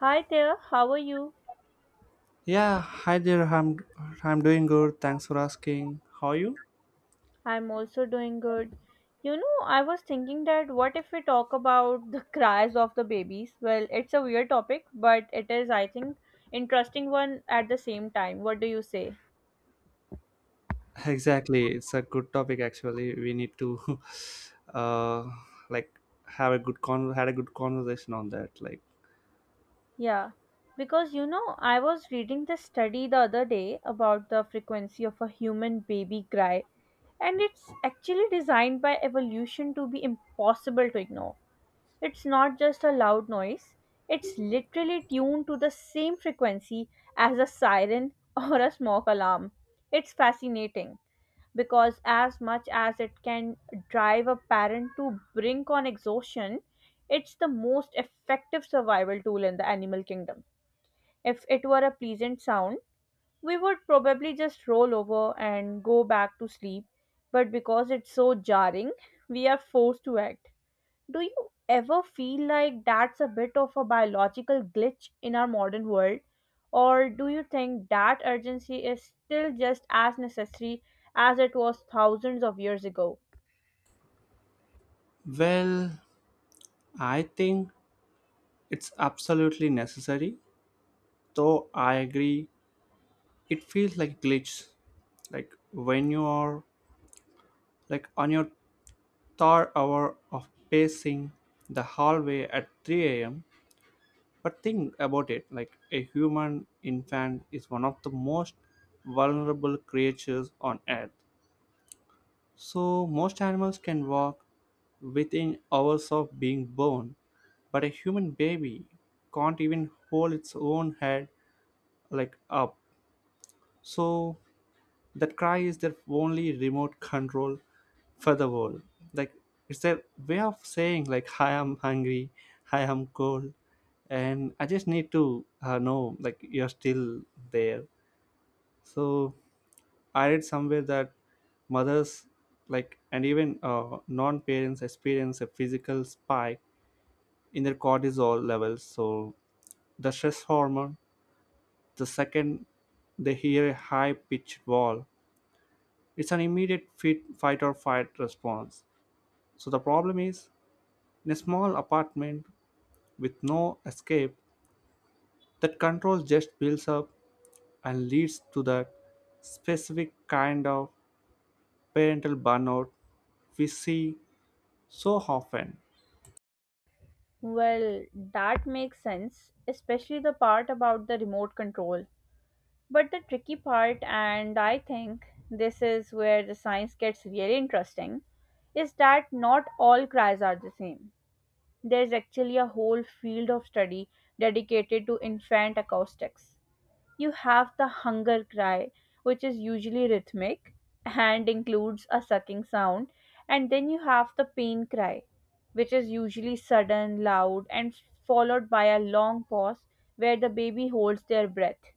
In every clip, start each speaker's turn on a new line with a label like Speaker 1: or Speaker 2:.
Speaker 1: Hi there, how are you?
Speaker 2: Yeah, hi there. I'm doing good. Thanks for asking. How are you?
Speaker 1: I'm also doing good. You know, I was thinking that what if we talk about the cries of the babies? Well, it's a weird topic, but it is, I think, interesting one at the same time. What do you say?
Speaker 2: Exactly. It's a good topic actually. We need to uh like have a good con had a good conversation on that. Like,
Speaker 1: Yeah, because you know, I was reading this study the other day about the frequency of a human baby cry, and it's actually designed by evolution to be impossible to ignore. It's not just a loud noise, it's literally tuned to the same frequency as a siren or a smoke alarm. It's fascinating because, as much as it can drive a parent to brink on exhaustion, it's the most effective survival tool in the animal kingdom. If it were a pleasant sound, we would probably just roll over and go back to sleep, but because it's so jarring, we are forced to act. Do you ever feel like that's a bit of a biological glitch in our modern world? Or do you think that urgency is still just as necessary as it was thousands of years ago?
Speaker 2: well, I think it's absolutely necessary. Though I agree it feels like glitch. Like when you are like on your third hour of pacing the hallway at 3 a.m. But think about it, like a human infant is one of the most vulnerable creatures on earth. So, most animals can walk within hours of being born, but a human baby can't even hold its own head like up. So, that cry is their only remote control for the world. Like, it's their way of saying, like, I am hungry, I am cold, and I just need to know, like, you're still there. So I read somewhere that mothers, like, and even non-parents experience a physical spike in their cortisol levels. So, the stress hormone, the second they hear a high pitched wall. It's an immediate fight or flight response. So the problem is, in a small apartment with no escape, that control just builds up and leads to that specific kind of parental burnout we see so often.
Speaker 1: Well, that makes sense, especially the part about the remote control. But the tricky part, and I think this is where the science gets really interesting, is that not all cries are the same. There's actually a whole field of study dedicated to infant acoustics. You have the hunger cry, which is usually rhythmic and includes a sucking sound, and then you have the pain cry, which is usually sudden, loud, and followed by a long pause where the baby holds their breath.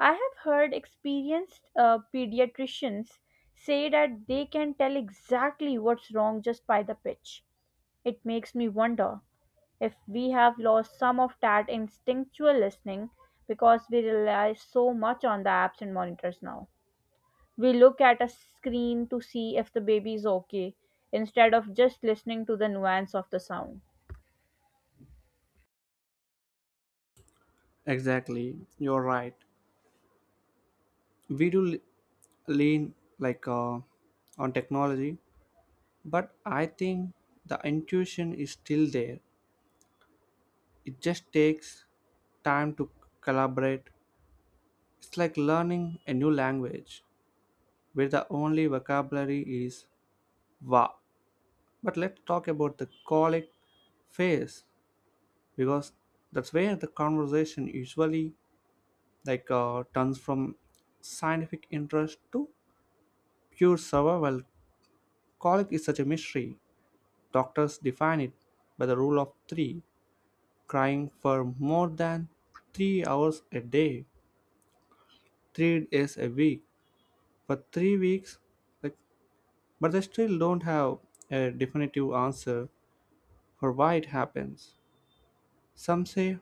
Speaker 1: I have heard experienced pediatricians say that they can tell exactly what's wrong just by the pitch. It makes me wonder if we have lost some of that instinctual listening because we rely so much on the apps and monitors now. We look at a screen to see if the baby is okay instead of just listening to the nuance of the sound.
Speaker 2: Exactly, you're right. We do lean, like, on technology, but I think the intuition is still there. It just takes time to collaborate. It's like learning a new language where the only vocabulary is va. But let's talk about the colic phase, because that's where the conversation usually, like, turns from scientific interest to pure survival. Well, colic is such a mystery. Doctors define it by the rule of three: crying for more than 3 hours a day, 3 days a week, for 3 weeks, like. But they still don't have a definitive answer for why it happens. Some say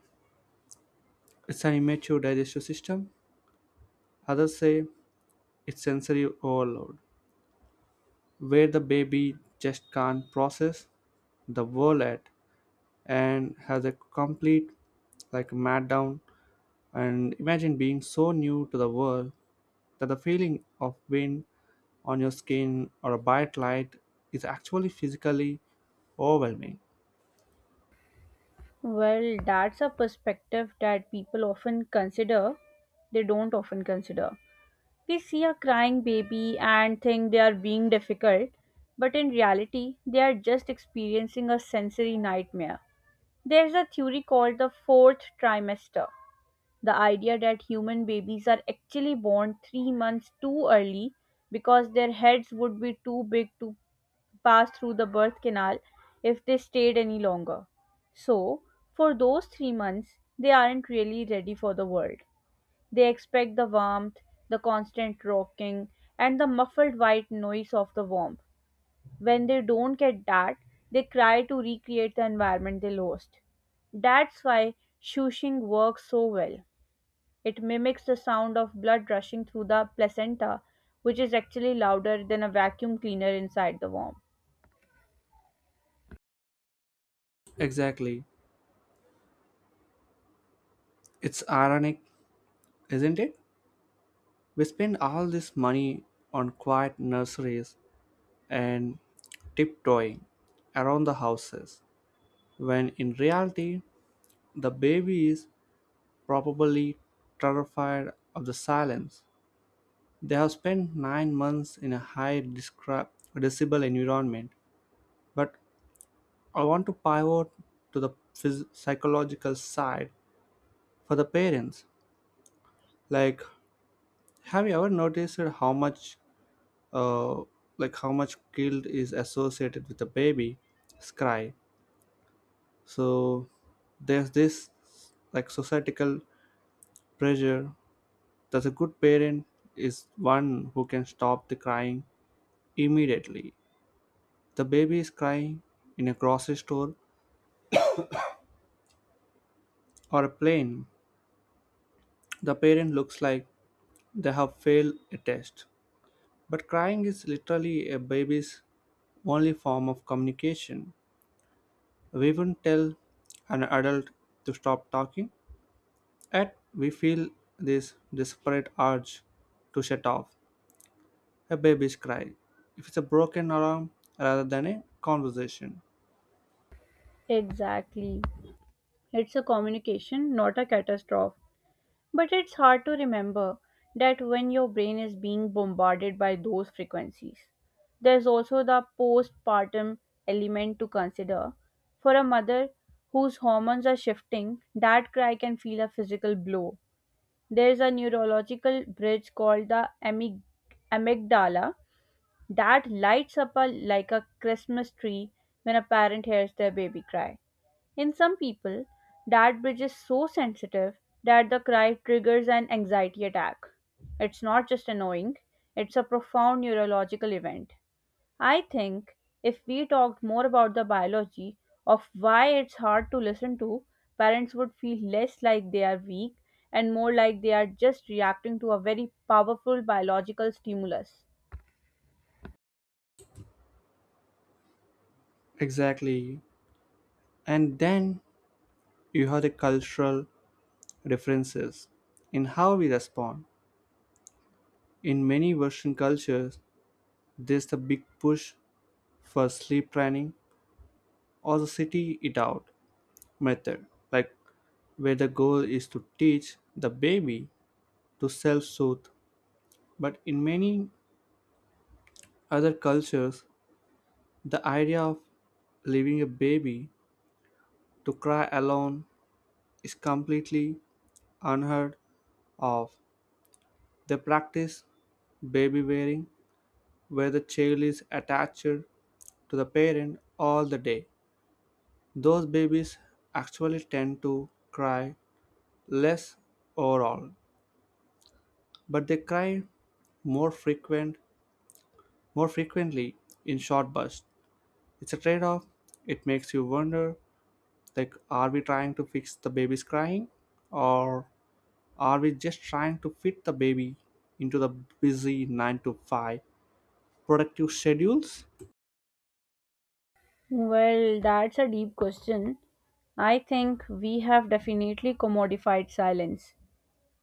Speaker 2: it's an immature digestive system, others say it's sensory overload, where the baby just can't process the world at, and has a complete, like, mat down. And imagine being so new to the world that the feeling of wind on your skin or a bright light is actually physically overwhelming.
Speaker 1: Well, that's a perspective that people often consider, they don't often consider. We see a crying baby and think they are being difficult, but in reality, they are just experiencing a sensory nightmare. There is a theory called the fourth trimester, the idea that human babies are actually born 3 months too early because their heads would be too big to pass through the birth canal if they stayed any longer. So, for those 3 months, they aren't really ready for the world. They expect the warmth, the constant rocking, and the muffled white noise of the womb. When they don't get that, they try to recreate the environment they lost. That's why shushing works so well. It mimics the sound of blood rushing through the placenta, which is actually louder than a vacuum cleaner inside the womb.
Speaker 2: Exactly. It's ironic, isn't it? We spend all this money on quiet nurseries and tiptoeing around the houses, when in reality, the baby is probably terrified of the silence. They have spent 9 months in a high decibel environment. But I want to pivot to the psychological side for the parents. Like, have you ever noticed uh, how much guilt is associated with a baby cry? So there's this, like, societal pressure that a good parent is one who can stop the crying immediately. The baby is crying in a grocery store or a plane. The parent looks like they have failed a test. But crying is literally a baby's only form of communication. We wouldn't tell an adult to stop talking. Yet we feel this desperate urge to shut off a baby's cry if it's a broken alarm rather than a conversation.
Speaker 1: Exactly. It's a communication, not a catastrophe. But it's hard to remember that when your brain is being bombarded by those frequencies. There's also the postpartum element to consider. For a mother whose hormones are shifting, that cry can feel a physical blow. There's a neurological bridge called the amygdala that lights up a, like a Christmas tree when a parent hears their baby cry. In some people, that bridge is so sensitive that the cry triggers an anxiety attack. It's not just annoying, it's a profound neurological event. I think if we talked more about the biology of why it's hard to listen to, parents would feel less like they are weak and more like they are just reacting to a very powerful biological stimulus.
Speaker 2: Exactly. And then you have the cultural differences in how we respond. In many Western cultures, there's the big push for sleep training or the city it out method, like, where the goal is to teach the baby to self soothe. But in many other cultures, the idea of leaving a baby to cry alone is completely unheard of. They practice baby wearing, where the child is attached to the parent all the day. Those babies actually tend to cry less overall, but they cry more frequent more frequently in short bursts. It's a trade-off. It makes you wonder, like, are we trying to fix the baby's crying, or are we just trying to fit the baby into the busy 9 to 5 productive schedules?
Speaker 1: Well, that's a deep question. I think we have definitely commodified silence.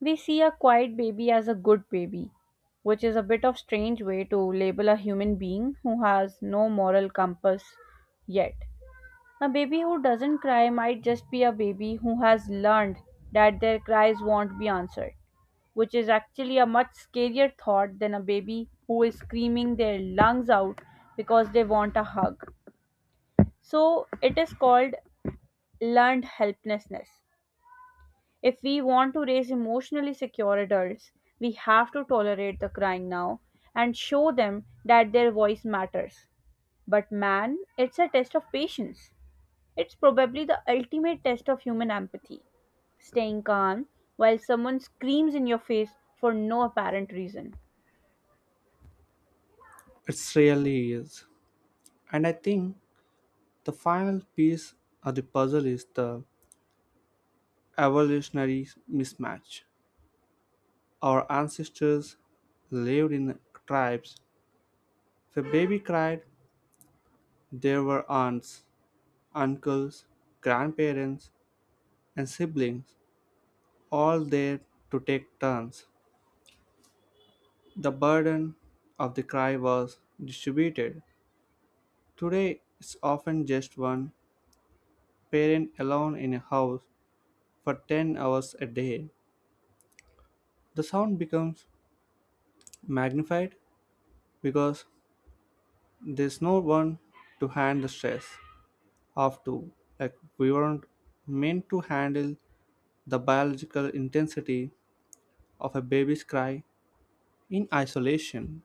Speaker 1: We see a quiet baby as a good baby, which is a bit of strange way to label a human being who has no moral compass yet. A baby who doesn't cry might just be a baby who has learned that their cries won't be answered, which is actually a much scarier thought than a baby who is screaming their lungs out because they want a hug. So it is called learned helplessness. If we want to raise emotionally secure adults, we have to tolerate the crying now and show them that their voice matters. But man, it's a test of patience. It's probably the ultimate test of human empathy. Staying calm while someone screams in your face for no apparent reason.
Speaker 2: It really is. And I think the final piece of the puzzle is the evolutionary mismatch. Our ancestors lived in tribes. If a baby cried, there were aunts, uncles, grandparents, and siblings all there to take turns. The burden of the cry was distributed. Today, it's often just one parent alone in a house for 10 hours a day. The sound becomes magnified because there's no one to hand the stress off to. Like, we weren't meant to handle the biological intensity of a baby's cry in isolation.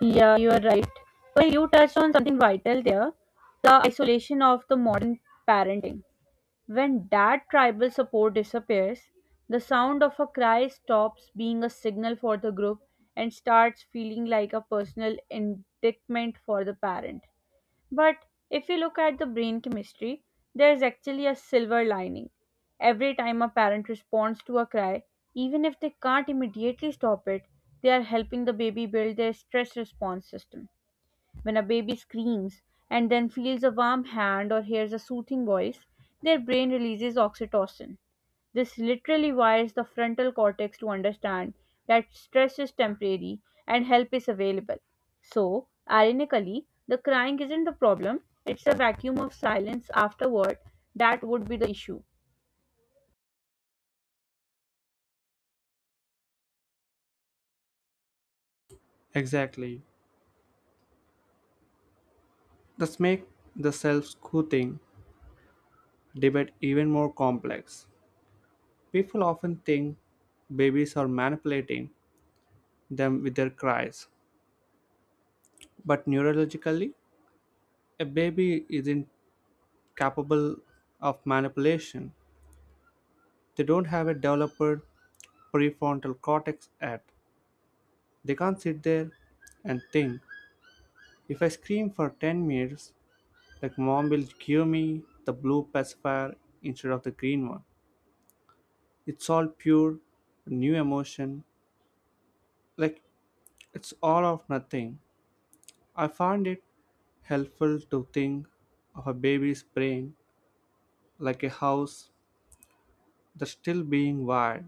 Speaker 1: Yeah, you are right. Well, you touched on something vital there, the isolation of the modern parenting. When that tribal support disappears, the sound of a cry stops being a signal for the group and starts feeling like a personal indictment for the parent. But if you look at the brain chemistry, there is actually a silver lining. Every time a parent responds to a cry, even if they can't immediately stop it, they are helping the baby build their stress response system. When a baby screams and then feels a warm hand or hears a soothing voice, their brain releases oxytocin. This literally wires the frontal cortex to understand that stress is temporary and help is available. So, ironically, the crying isn't the problem, it's the vacuum of silence afterward that would be the issue.
Speaker 2: Exactly. This makes the self soothing debate even more complex. People often think babies are manipulating them with their cries. But neurologically, a baby isn't capable of manipulation. They don't have a developed prefrontal cortex yet. They can't sit there and think. If I scream for 10 minutes, like, mom will give me the blue pacifier instead of the green one. It's all pure new emotion, like, it's all of nothing. I find it helpful to think of a baby's brain like a house that's still being wired.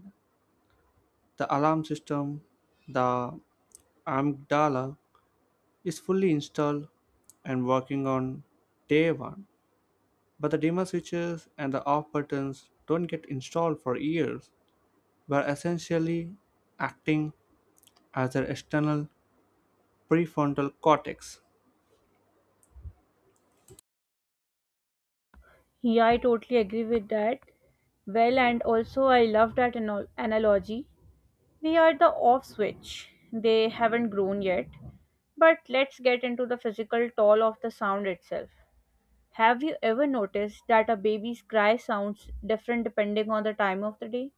Speaker 2: The alarm system, the amygdala, is fully installed and working on day one, but the dimmer switches and the off buttons don't get installed for years. We're essentially acting as their external prefrontal cortex.
Speaker 1: Yeah, I totally agree with that. Well, and also I love that analogy. We are the off switch. They haven't grown yet. But let's get into the physical toll of the sound itself. Have you ever noticed that a baby's cry sounds different depending on the time of the day?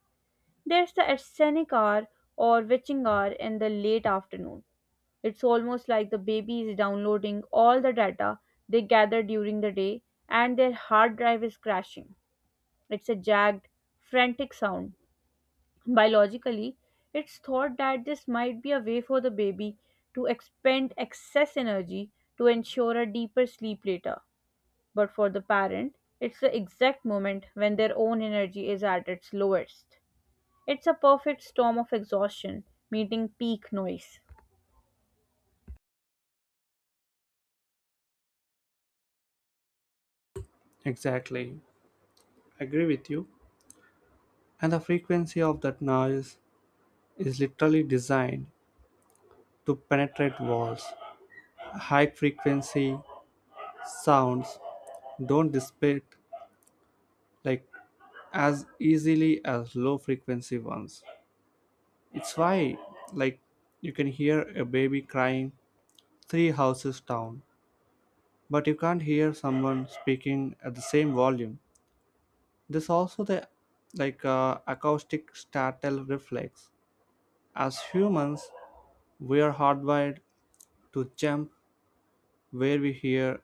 Speaker 1: There's the ascenic hour or witching hour in the late afternoon. It's almost like the baby is downloading all the data they gather during the day and their hard drive is crashing. It's a jagged, frantic sound. Biologically, it's thought that this might be a way for the baby to expend excess energy to ensure a deeper sleep later. But for the parent, it's the exact moment when their own energy is at its lowest. It's a perfect storm of exhaustion meeting peak noise.
Speaker 2: Exactly, I agree with you. And the frequency of that noise is literally designed to penetrate walls. High frequency sounds don't dissipate, like, as easily as low frequency ones. It's why, like, you can hear a baby crying three houses down, but you can't hear someone speaking at the same volume. There's also the, like, acoustic startle reflex. As humans, we are hardwired to jump where we hear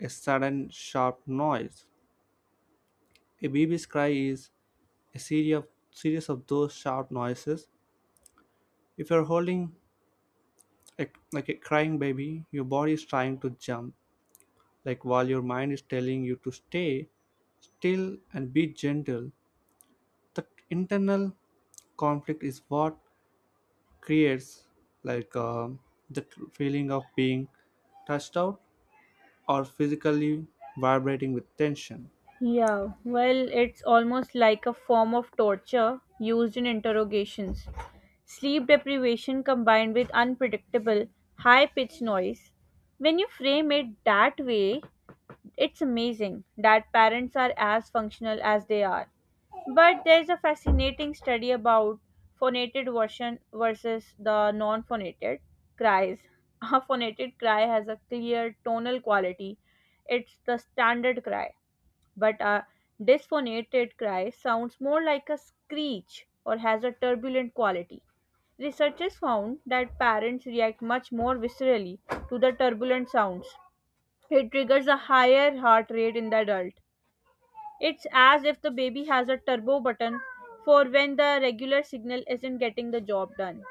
Speaker 2: a sudden sharp noise. A baby's cry is a series of those sharp noises. If you're holding a, like a crying baby, your body is trying to jump, like, while your mind is telling you to stay still and be gentle. That internal conflict is what creates, like, the feeling of being touched out or physically vibrating with tension.
Speaker 1: Yeah, well, it's almost like a form of torture used in interrogations. Sleep deprivation combined with unpredictable, high pitched noise. When you frame it that way, it's amazing that parents are as functional as they are. But there's a fascinating study about phonated version versus the non phonated cries. A phonated cry has a clear tonal quality, it's the standard cry, but a dysphonated cry sounds more like a screech or has a turbulent quality. Researchers found that parents react much more viscerally to the turbulent sounds. It triggers a higher heart rate in the adult. It's as if the baby has a turbo button for when the regular signal isn't getting the job done.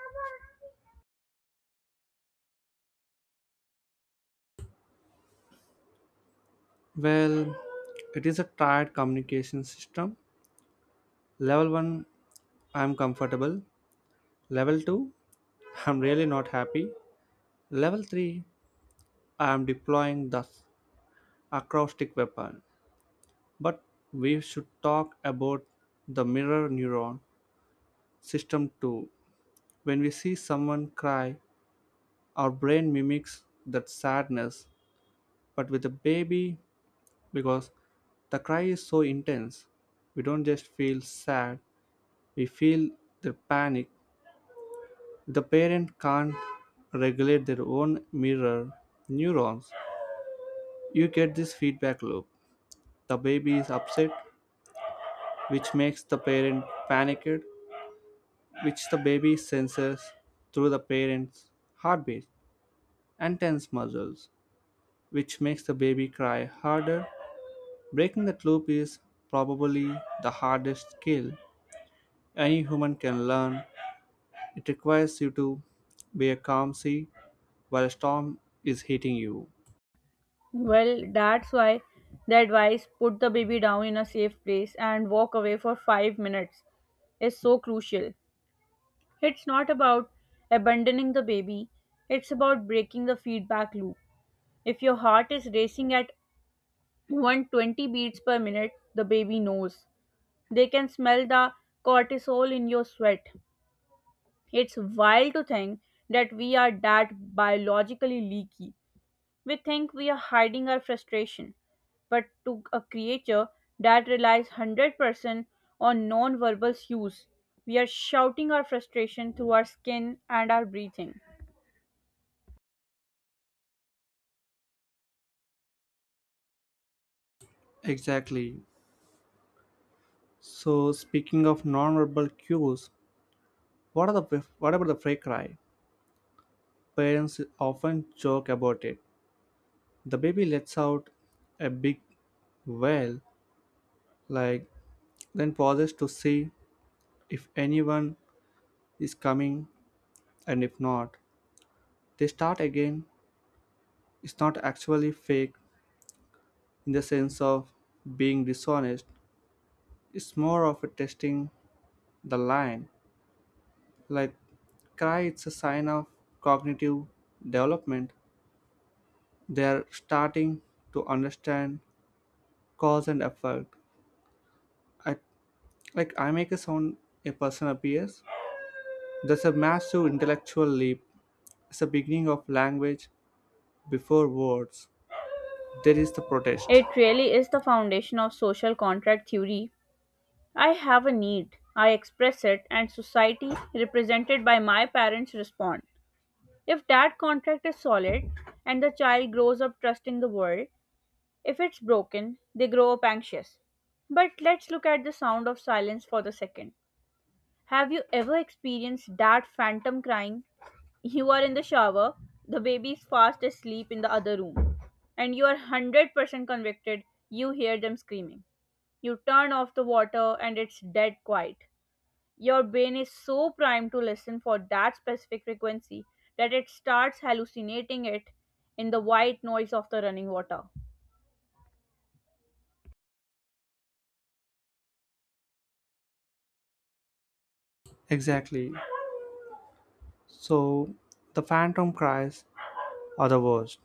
Speaker 2: Well, it is a tired communication system. Level 1: I'm comfortable. Level 2: I'm really not happy. Level 3: I'm deploying the acoustic weapon. But we should talk about the mirror neuron system too. When we see someone cry, our brain mimics that sadness. But with a baby, because the cry is so intense, we don't just feel sad, we feel the panic. The parent can't regulate their own mirror neurons. You get this feedback loop. The baby is upset, which makes the parent panicked, which the baby senses through the parent's heartbeat and tense muscles, which makes the baby cry harder. Breaking that loop is probably the hardest skill any human can learn. It requires you to be a calm sea while a storm is hitting you.
Speaker 1: Well, that's why the advice, put the baby down in a safe place and walk away for 5 minutes, is so crucial. It's not about abandoning the baby, it's about breaking the feedback loop. If your heart is racing at 120 beats per minute, the baby knows. They can smell the cortisol in your sweat. It's wild to think that we are that biologically leaky. We think we are hiding our frustration, but to a creature that relies 100% on non verbal cues, we are shouting our frustration through our skin and our breathing.
Speaker 2: Exactly. So speaking of nonverbal cues, what about the fray cry? Parents often joke about it. The baby lets out a big wail, like, then pauses to see if anyone is coming, and if not, they start again. It's not actually fake in the sense of being dishonest, it's more of a testing the line, like, cry. It's a sign of cognitive development. They are starting to understand cause and effect. I, like, I make a sound, a person appears. There's a massive intellectual leap. It's the beginning of language. Before words, there is the protest.
Speaker 1: It really is the foundation of social contract theory. I have a need, I express it, and society, represented by my parents, respond. If that contract is solid and the child grows up trusting the world, if it's broken, they grow up anxious. But let's look at the sound of silence for the second. Have you ever experienced that phantom crying? You are in the shower, the baby is fast asleep in the other room, and you are 100% convicted you hear them screaming. You turn off the water and it's dead quiet. Your brain is so primed to listen for that specific frequency that it starts hallucinating it in the white noise of the running water.
Speaker 2: Exactly. So the phantom cries are the worst.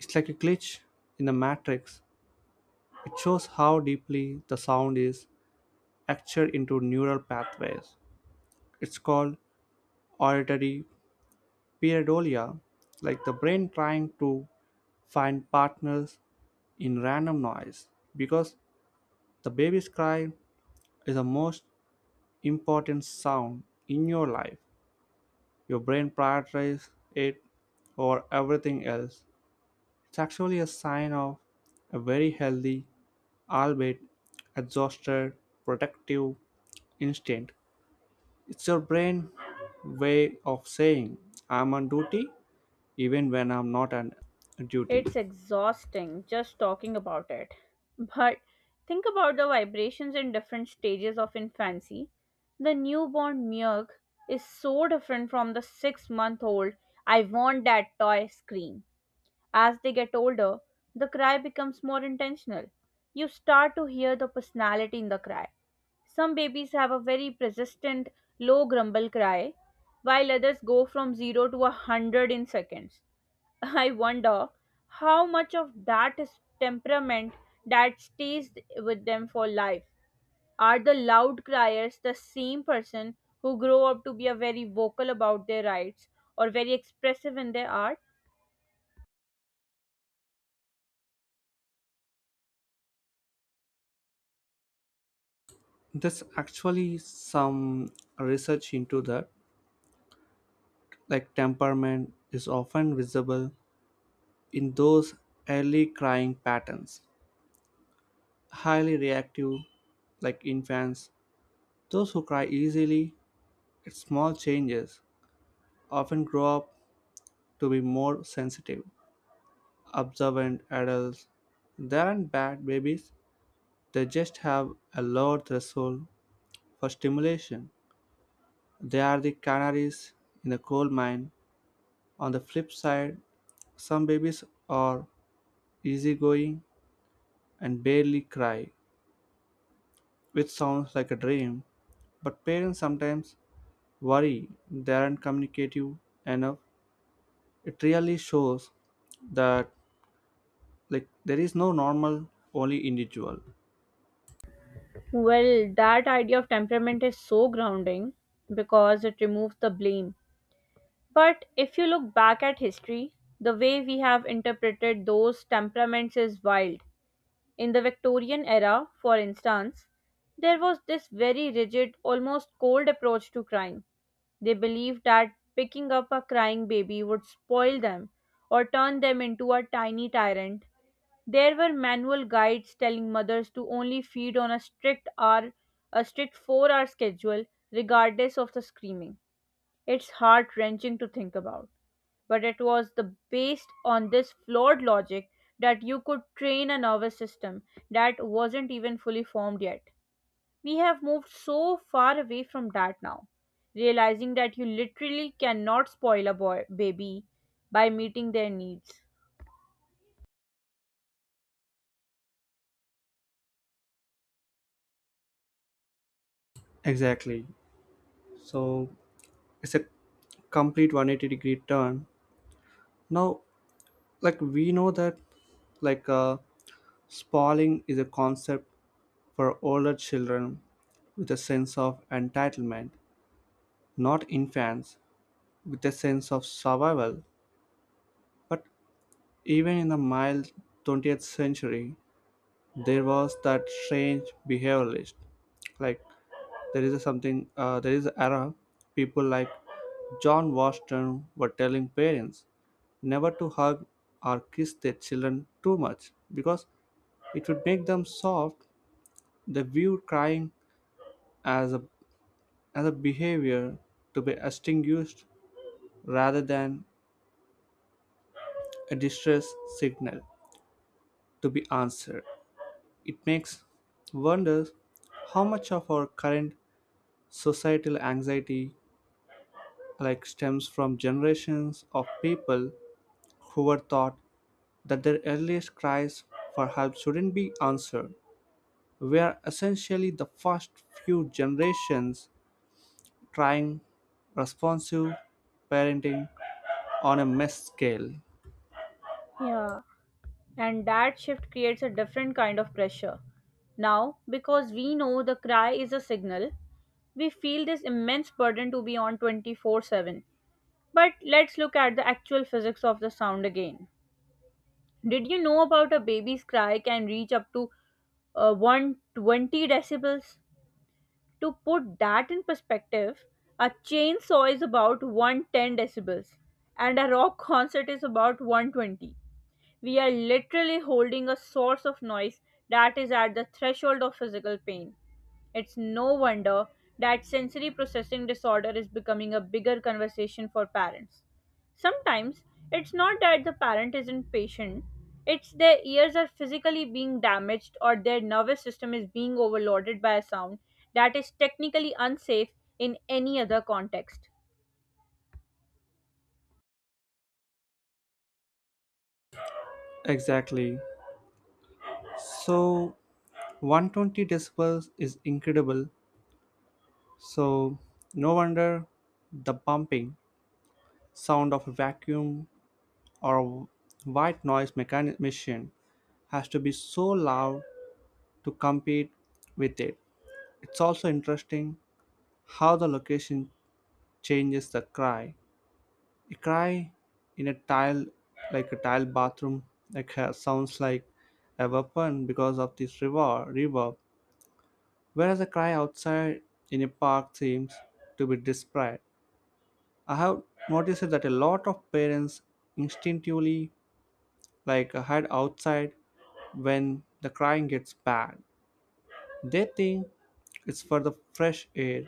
Speaker 2: It's like a glitch in the matrix. It shows how deeply the sound is etched into neural pathways. It's called auditory pareidolia, like the brain trying to find partners in random noise. Because the baby's cry is the most important sound in your life. Your brain prioritizes it over everything else. It's actually a sign of a very healthy, albeit exhausted, protective instinct. It's your brain way of saying, I'm on duty, even when I'm not on duty.
Speaker 1: It's exhausting just talking about it. But think about the vibrations in different stages of infancy. The newborn milk is so different from the 6-month old, I want that toy scream. As they get older, the cry becomes more intentional. You start to hear the personality in the cry. Some babies have a very persistent, low grumble cry, while others go from 0 to a 100 in seconds. I wonder how much of that is temperament that stays with them for life. Are the loud criers the same person who grow up to be a very vocal about their rights or very expressive in their art?
Speaker 2: There's actually some research into that. Like, temperament is often visible in those early crying patterns. Highly reactive, like, infants, those who cry easily at small changes, often grow up to be more sensitive, observant adults. Than bad babies, they just have a lower threshold for stimulation. They are the canaries in the coal mine. On the flip side, some babies are easygoing and barely cry, which sounds like a dream, but parents sometimes worry they aren't communicative enough. It really shows that, like, there is no normal, only individual.
Speaker 1: Well, that idea of temperament is so grounding because it removes the blame. But if you look back at history, the way we have interpreted those temperaments is wild. In the Victorian era, for instance, there was this very rigid, almost cold approach to crime. They believed that picking up a crying baby would spoil them or turn them into a tiny tyrant. There were manual guides telling mothers to only feed on a strict hour, a strict 4-hour schedule regardless of the screaming. It's heart-wrenching to think about, but it was the based on this flawed logic that you could train a nervous system that wasn't even fully formed yet. We have moved so far away from that now, realizing that you literally cannot spoil a boy baby by meeting their needs.
Speaker 2: Exactly. So it's a complete 180 degree turn now, like we know that, like, spalling is a concept for older children with a sense of entitlement, not infants with a sense of survival. But even in the mild 20th century, there was that strange behaviorist, like, there is a something. There is an era. People like John Washington were telling parents never to hug or kiss their children too much, because it would make them soft. They viewed crying as a as a behavior to be extinguished rather than a distress signal to be answered. It makes wonders how much of our current societal anxiety, like, stems from generations of people whoever thought that their earliest cries for help shouldn't be answered, were essentially the first few generations trying responsive parenting on a mesh scale.
Speaker 1: Yeah, and that shift creates a different kind of pressure. Now, because we know the cry is a signal, we feel this immense burden to be on 24/7. But let's look at the actual physics of the sound again. Did you know about a baby's cry can reach up to 120 decibels? To put that in perspective, a chainsaw is about 110 decibels and a rock concert is about 120. We are literally holding a source of noise that is at the threshold of physical pain. It's no wonder that sensory processing disorder is becoming a bigger conversation for parents. Sometimes it's not that the parent isn't patient, it's their ears are physically being damaged or their nervous system is being overloaded by a sound that is technically unsafe in any other context.
Speaker 2: Exactly. So 120 decibels is incredible. So no wonder the bumping sound of a vacuum or a white noise machine has to be so loud to compete with it. It's also interesting how the location changes the cry. A cry in a tile, like a tile bathroom, like sounds like a weapon because of this reverb, whereas a cry outside in a park seems to be desperate. I have noticed that a lot of parents instinctively, like, hide outside when the crying gets bad. They think it's for the fresh air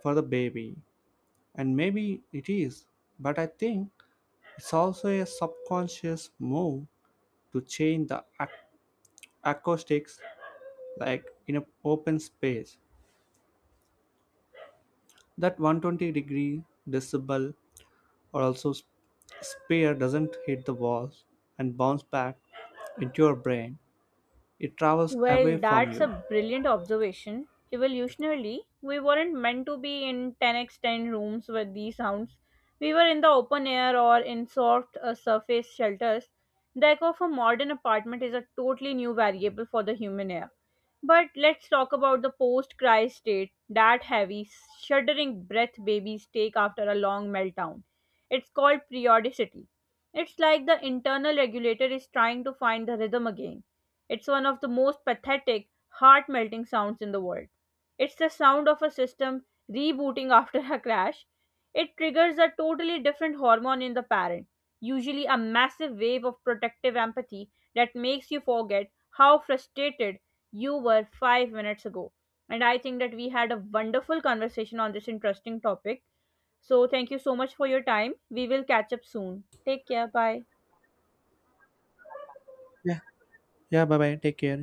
Speaker 2: for the baby, and maybe it is, but I think it's also a subconscious move to change the acoustics, like, in an open space. That 120-degree decibel or also sphere doesn't hit the walls and bounce back into your brain. It travels away
Speaker 1: Well,
Speaker 2: from
Speaker 1: that's
Speaker 2: you.
Speaker 1: a brilliant observation. Evolutionarily, we weren't meant to be in 10x10 rooms with these sounds. We were in the open air or in soft surface shelters. The echo of a modern apartment is a totally new variable for the human ear. But let's talk about the post cry state, that heavy, shuddering breath babies take after a long meltdown. It's called periodicity. It's like the internal regulator is trying to find the rhythm again. It's one of the most pathetic, heart melting sounds in the world. It's the sound of a system rebooting after a crash. It triggers a totally different hormone in the parent, usually a massive wave of protective empathy that makes you forget how frustrated you were 5 minutes ago. And I think that we had a wonderful conversation on this interesting topic. So, thank you so much for your time. We will catch up soon. Take care. Bye.
Speaker 2: Yeah. Yeah, bye bye. Take care.